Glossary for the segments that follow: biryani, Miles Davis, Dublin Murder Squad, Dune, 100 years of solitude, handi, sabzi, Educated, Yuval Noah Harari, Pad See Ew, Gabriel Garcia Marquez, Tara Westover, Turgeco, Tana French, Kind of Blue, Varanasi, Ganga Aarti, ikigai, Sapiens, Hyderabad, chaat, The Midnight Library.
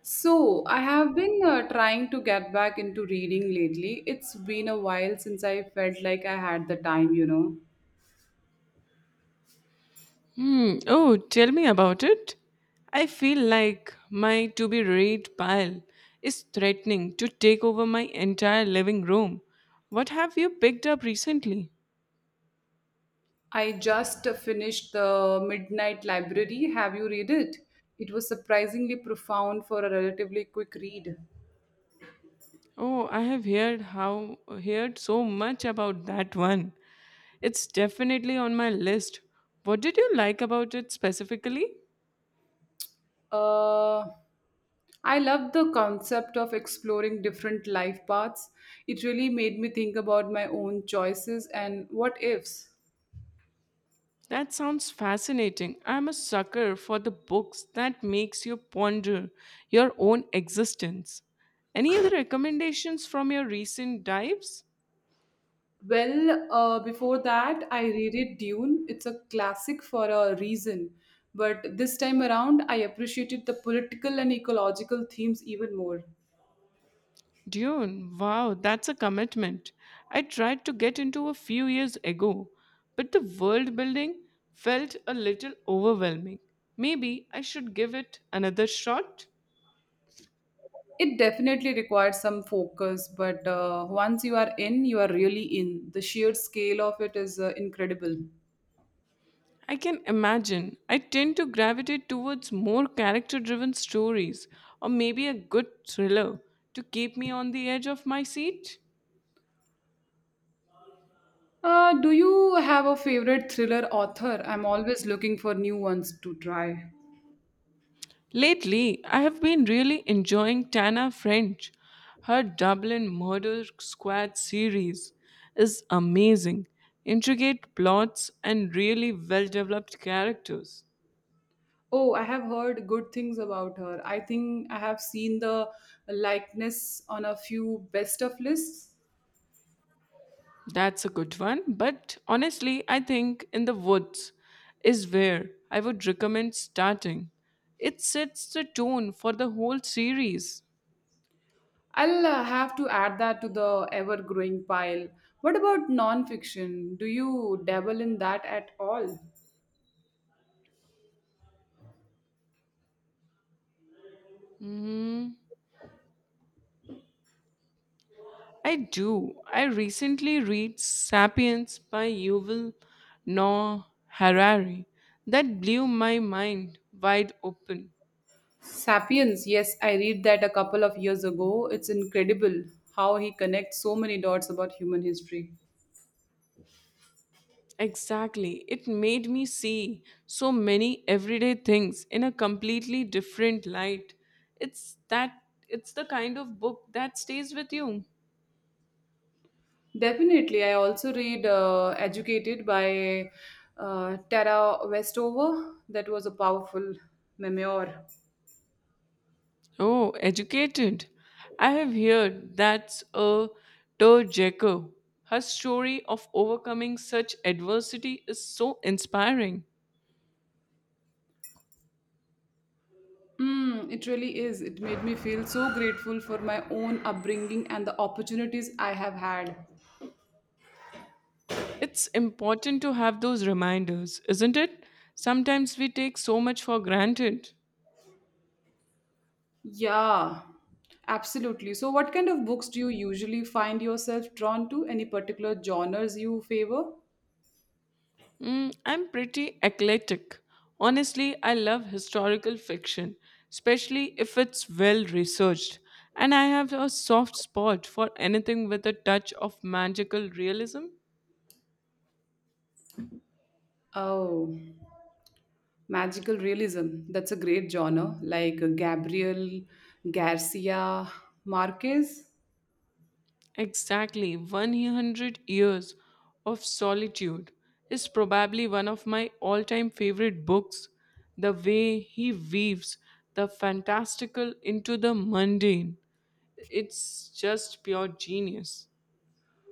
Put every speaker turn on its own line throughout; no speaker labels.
So, I have been trying to get back into reading lately. It's been a while since I felt like I had the time, you know.
Hmm. Oh, tell me about it. I feel like my to be read pile is threatening to take over my entire living room. What have you picked up recently?
I just finished The Midnight Library. Have you read it? It was surprisingly profound for a relatively quick read.
Oh, I have heard how heard so much about that one. It's definitely on my list. What did you like about it specifically?
Uh, I love the concept of exploring different life paths. It really made me think about my own choices and what ifs.
That sounds fascinating. I'm a sucker for the books that makes you ponder your own existence. Any other recommendations from your recent dives?
Well, before that, I reread Dune. It's a classic for a reason. But this time around, I appreciated the political and ecological themes even more.
Dune, wow, that's a commitment. I tried to get into a few years ago, but the world building felt a little overwhelming. Maybe I should give it another shot.
It definitely required some focus, but once you are in, you are really in. The sheer scale of it is incredible.
I can imagine. I tend to gravitate towards more character driven stories or maybe a good thriller to keep me on the edge of my seat.
Do you have a favorite thriller author? I'm always looking for new ones to try.
Lately, I have been really enjoying Tana French. Her Dublin Murder Squad series is amazing, intricate plots, and really well developed characters.
Oh, I have heard good things about her. I think I have seen the likeness on a few best of lists.
That's a good one. But honestly, I think in the woods is where I would recommend starting. It sets the tone for the whole series.
I'll have to add that to the ever growing pile. What about non-fiction? Do you dabble in that at all?
Mm, I do. I recently read Sapiens by Yuval Noah Harari. That blew my mind wide open.
Sapiens, yes, I read that a couple of years ago. It's incredible how he connects so many dots about human history.
Exactly. It made me see so many everyday things in a completely different light. It's that it's the kind of book that stays with you.
Definitely. I also read Educated by Tara Westover. That was a powerful memoir.
Oh, educated. I have heard that's a Turgeco. Her story of overcoming such adversity is so inspiring.
Mm, it really is. It made me feel so grateful for my own upbringing and the opportunities I have had.
It's important to have those reminders, isn't it? Sometimes we take so much for granted.
Yeah, absolutely. So, what kind of books do you usually find yourself drawn to? Any particular genres you favor?
I'm pretty eclectic. Honestly, I love historical fiction, especially if it's well researched. And I have a soft spot for anything with a touch of magical realism.
Oh. Magical realism, that's a great genre, like Gabriel Garcia Marquez.
Exactly, 100 years of solitude is probably one of my all time favorite books. The way he weaves the fantastical into the mundane, it's just pure genius.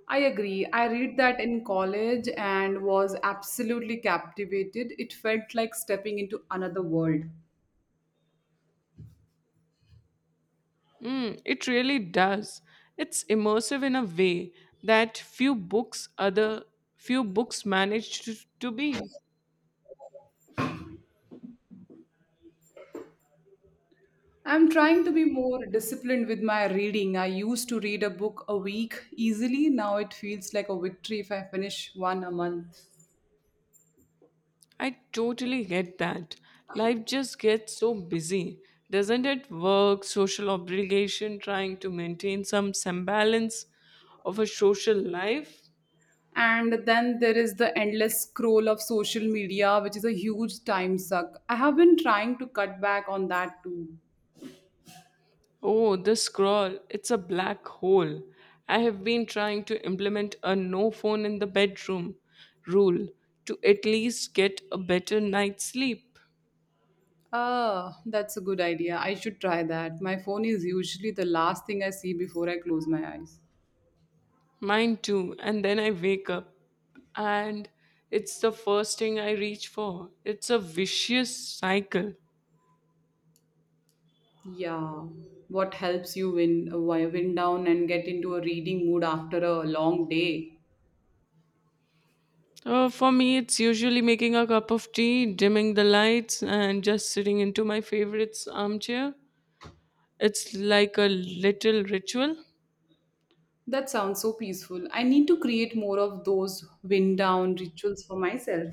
I agree. I read that in college and was absolutely captivated. It felt like stepping into another world.
It really does. It's immersive in a way that few books manage to be.
I'm trying to be more disciplined with my reading. I used to read a book a week easily. Now it feels like a victory if I finish one a month.
I totally get that. Life just gets so busy, doesn't it? Work, social obligation, trying to maintain some semblance of a social life.
And then there is the endless scroll of social media, which is a huge time suck. I have been trying to cut back on that too.
Oh, the scroll. It's a black hole. I have been trying to implement a no phone in the bedroom rule to at least get a better night's sleep.
Ah, that's a good idea. I should try that. My phone is usually the last thing I see before I close my eyes.
Mine too. And then I wake up and it's the first thing I reach for. It's a vicious cycle.
Yeah. What helps you wind down and get into a reading mood after a long day?
For me, it's usually making a cup of tea, dimming the lights, and just sitting into my favorite's armchair. It's like a little ritual.
That sounds so peaceful. I need to create more of those wind down rituals for myself.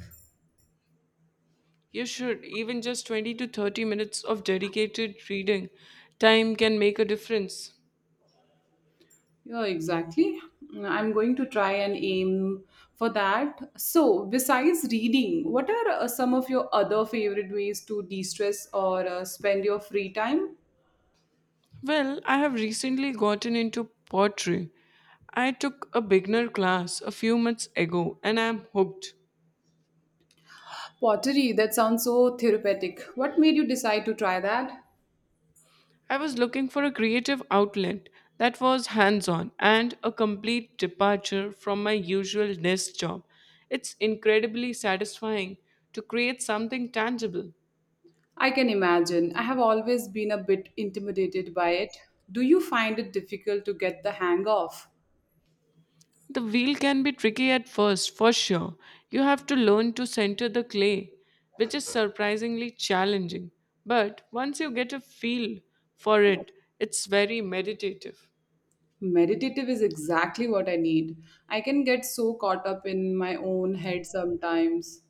You should. Even just 20 to 30 minutes of dedicated reading time can make a difference.
Yeah, exactly. I'm going to try and aim for that. So, besides reading, what are some of your other favorite ways to de stress or spend your free time?
Well, I have recently gotten into pottery. I took a beginner class a few months ago and I am hooked.
Pottery, that sounds so therapeutic. What made you decide to try that?
I was looking for a creative outlet that was hands on and a complete departure from my usual desk job. It's incredibly satisfying to create something tangible.
I can imagine. I have always been a bit intimidated by it. Do you find it difficult to get the hang of?
The wheel can be tricky at first, for sure. You have to learn to center the clay, which is surprisingly challenging. But once you get a feel for it, it's very meditative.
Meditative is exactly what I need. I can get so caught up in my own head sometimes.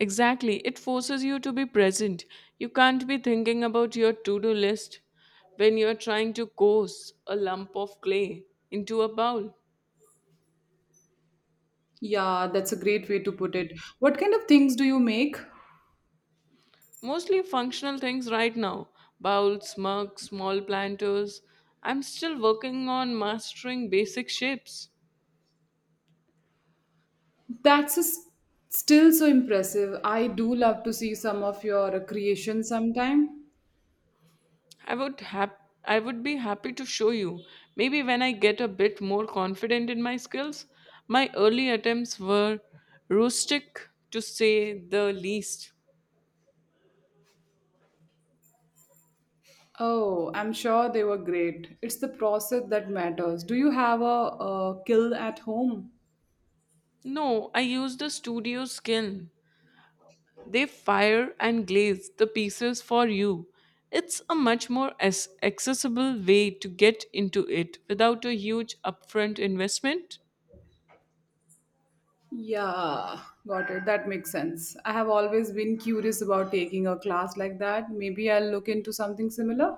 Exactly, it forces you to be present. You can't be thinking about your to do list when you're trying to course a lump of clay into a bowl.
Yeah, that's a great way to put it. What kind of things do you make?
Mostly functional things right now, bowls, mugs, small planters. I'm still working on mastering basic shapes.
That's s- Still so impressive. I do love to see some of your creations sometime.
I would be happy to show you. Maybe when I get a bit more confident in my skills. My early attempts were rustic to say the least.
Oh, I'm sure they were great. It's the process that matters. Do you have a kill at home?
No, I used a studio skin. They fire and glaze the pieces for you. It's a much more accessible way to get into it without a huge upfront investment.
Yeah, got it. That makes sense. I have always been curious about taking a class like that. Maybe I'll look into something similar.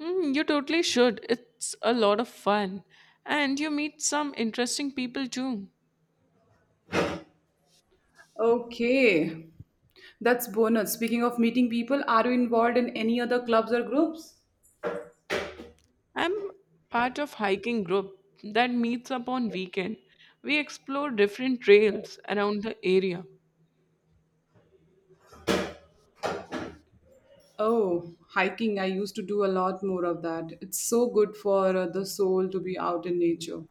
Hmm, you totally should. It's a lot of fun. And you meet some interesting people too.
Okay, that's bonus. Speaking of meeting people, are you involved in any other clubs or groups?
I'm part of hiking group that meets up on weekend. We explore different trails around the area.
Oh, hiking. I used to do a lot more of that. It's so good for the soul to be out in nature.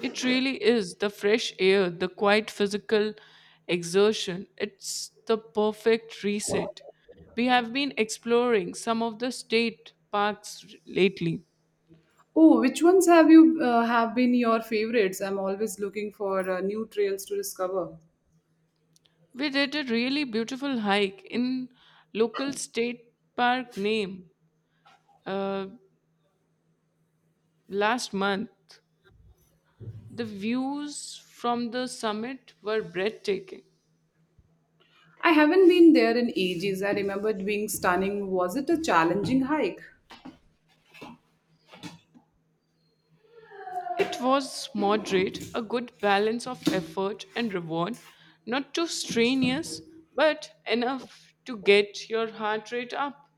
It really is the fresh air, the quiet physical exertion. It's the perfect reset. We have been exploring some of the state parks lately.
Oh, which ones have been your favorites? I'm always looking for new trails to discover.
We did a really beautiful hike in local state park name uh, last month. The views from the summit were breathtaking.
I haven't been there in ages. I remember it being stunning. Was it a challenging hike?
It was moderate, a good balance of effort and reward, not too strenuous, but enough to get your heart rate up.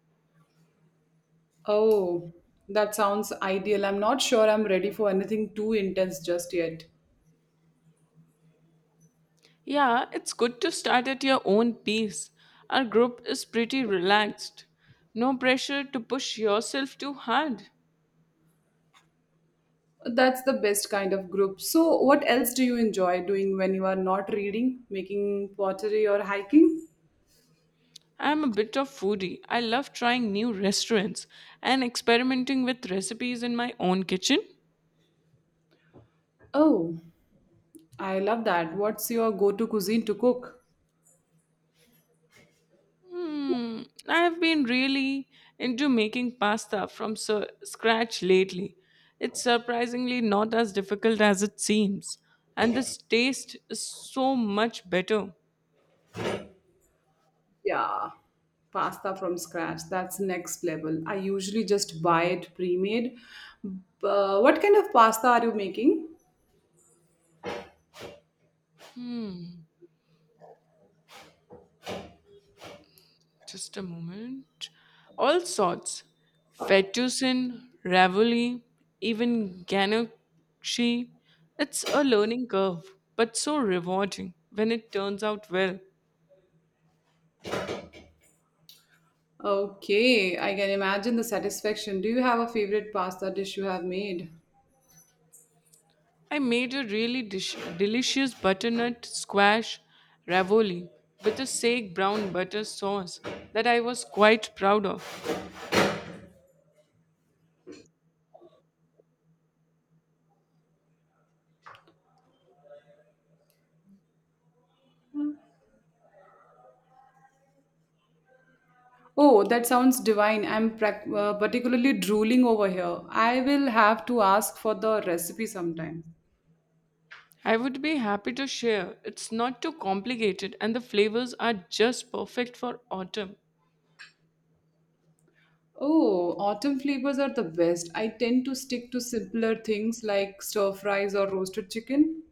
Oh, that sounds ideal. I'm not sure I'm ready for anything too intense just yet.
Yeah, it's good to start at your own pace. Our group is pretty relaxed. No pressure to push yourself too hard.
That's the best kind of group. So, what else do you enjoy doing when you are not reading, making pottery, or hiking?
I'm a bit of foodie. I love trying new restaurants and experimenting with recipes in my own kitchen.
Oh, I love that. What's your go-to cuisine to cook?
I have been really into making pasta from scratch lately. It's surprisingly not as difficult as it seems, and this taste is so much better.
Yeah, pasta from scratch. That's next level. I usually just buy it pre-made. But what kind of pasta are you making?
Just a moment. All sorts: fettuccine, ravioli, even ganache. It's a learning curve, but so rewarding when it turns out well.
Okay, I can imagine the satisfaction. Do you have a favorite pasta dish you have made?
I made a really delicious butternut squash ravioli with a sage brown butter sauce that I was quite proud of.
Oh, that sounds divine. Particularly drooling over here. I will have to ask for the recipe sometime.
I would be happy to share. It's not too complicated and the flavors are just perfect for autumn.
Oh, autumn flavors are the best. I tend to stick to simpler things like stir fries or roasted chicken.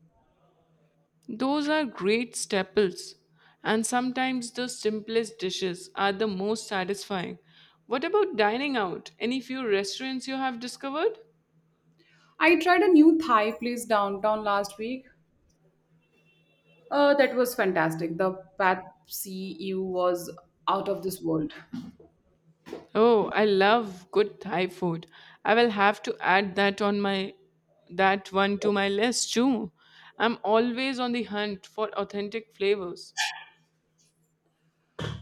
Those are great staples and sometimes the simplest dishes are the most satisfying. What about dining out? Any few restaurants you have discovered?
I tried a new Thai place downtown last week. That was fantastic. The Pad See Ew was out of this world.
Oh, I love good Thai food. I will have to add that one to my list too. I'm always on the hunt for authentic flavors.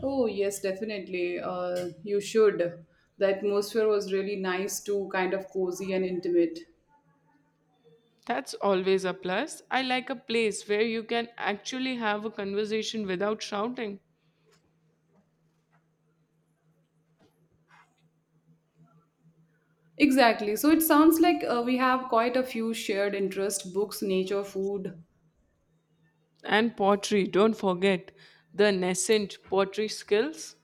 Oh, yes, definitely. You should. The atmosphere was really nice too, kind of cozy and intimate.
That's always a plus. I like a place where you can actually have a conversation without shouting.
Exactly. So it sounds like we have quite a few shared interest books, nature, food,
And pottery, don't forget the nascent pottery skills.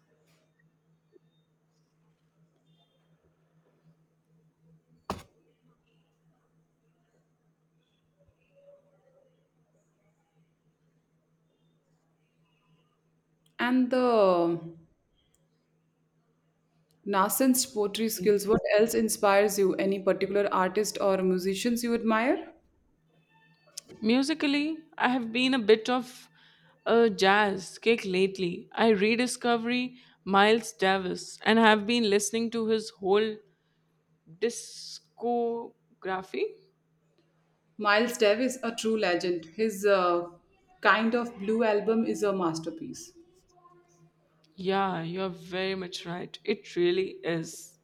and the Nascent's poetry skills. What else inspires you? Any particular artist or musicians you admire?
Musically, I have been a bit of a jazz kick lately. I rediscovery Miles Davis and have been listening to his whole discography.
Miles Davis, a true legend. His Kind of Blue album is a masterpiece.
Yeah, you're very much right. It really is.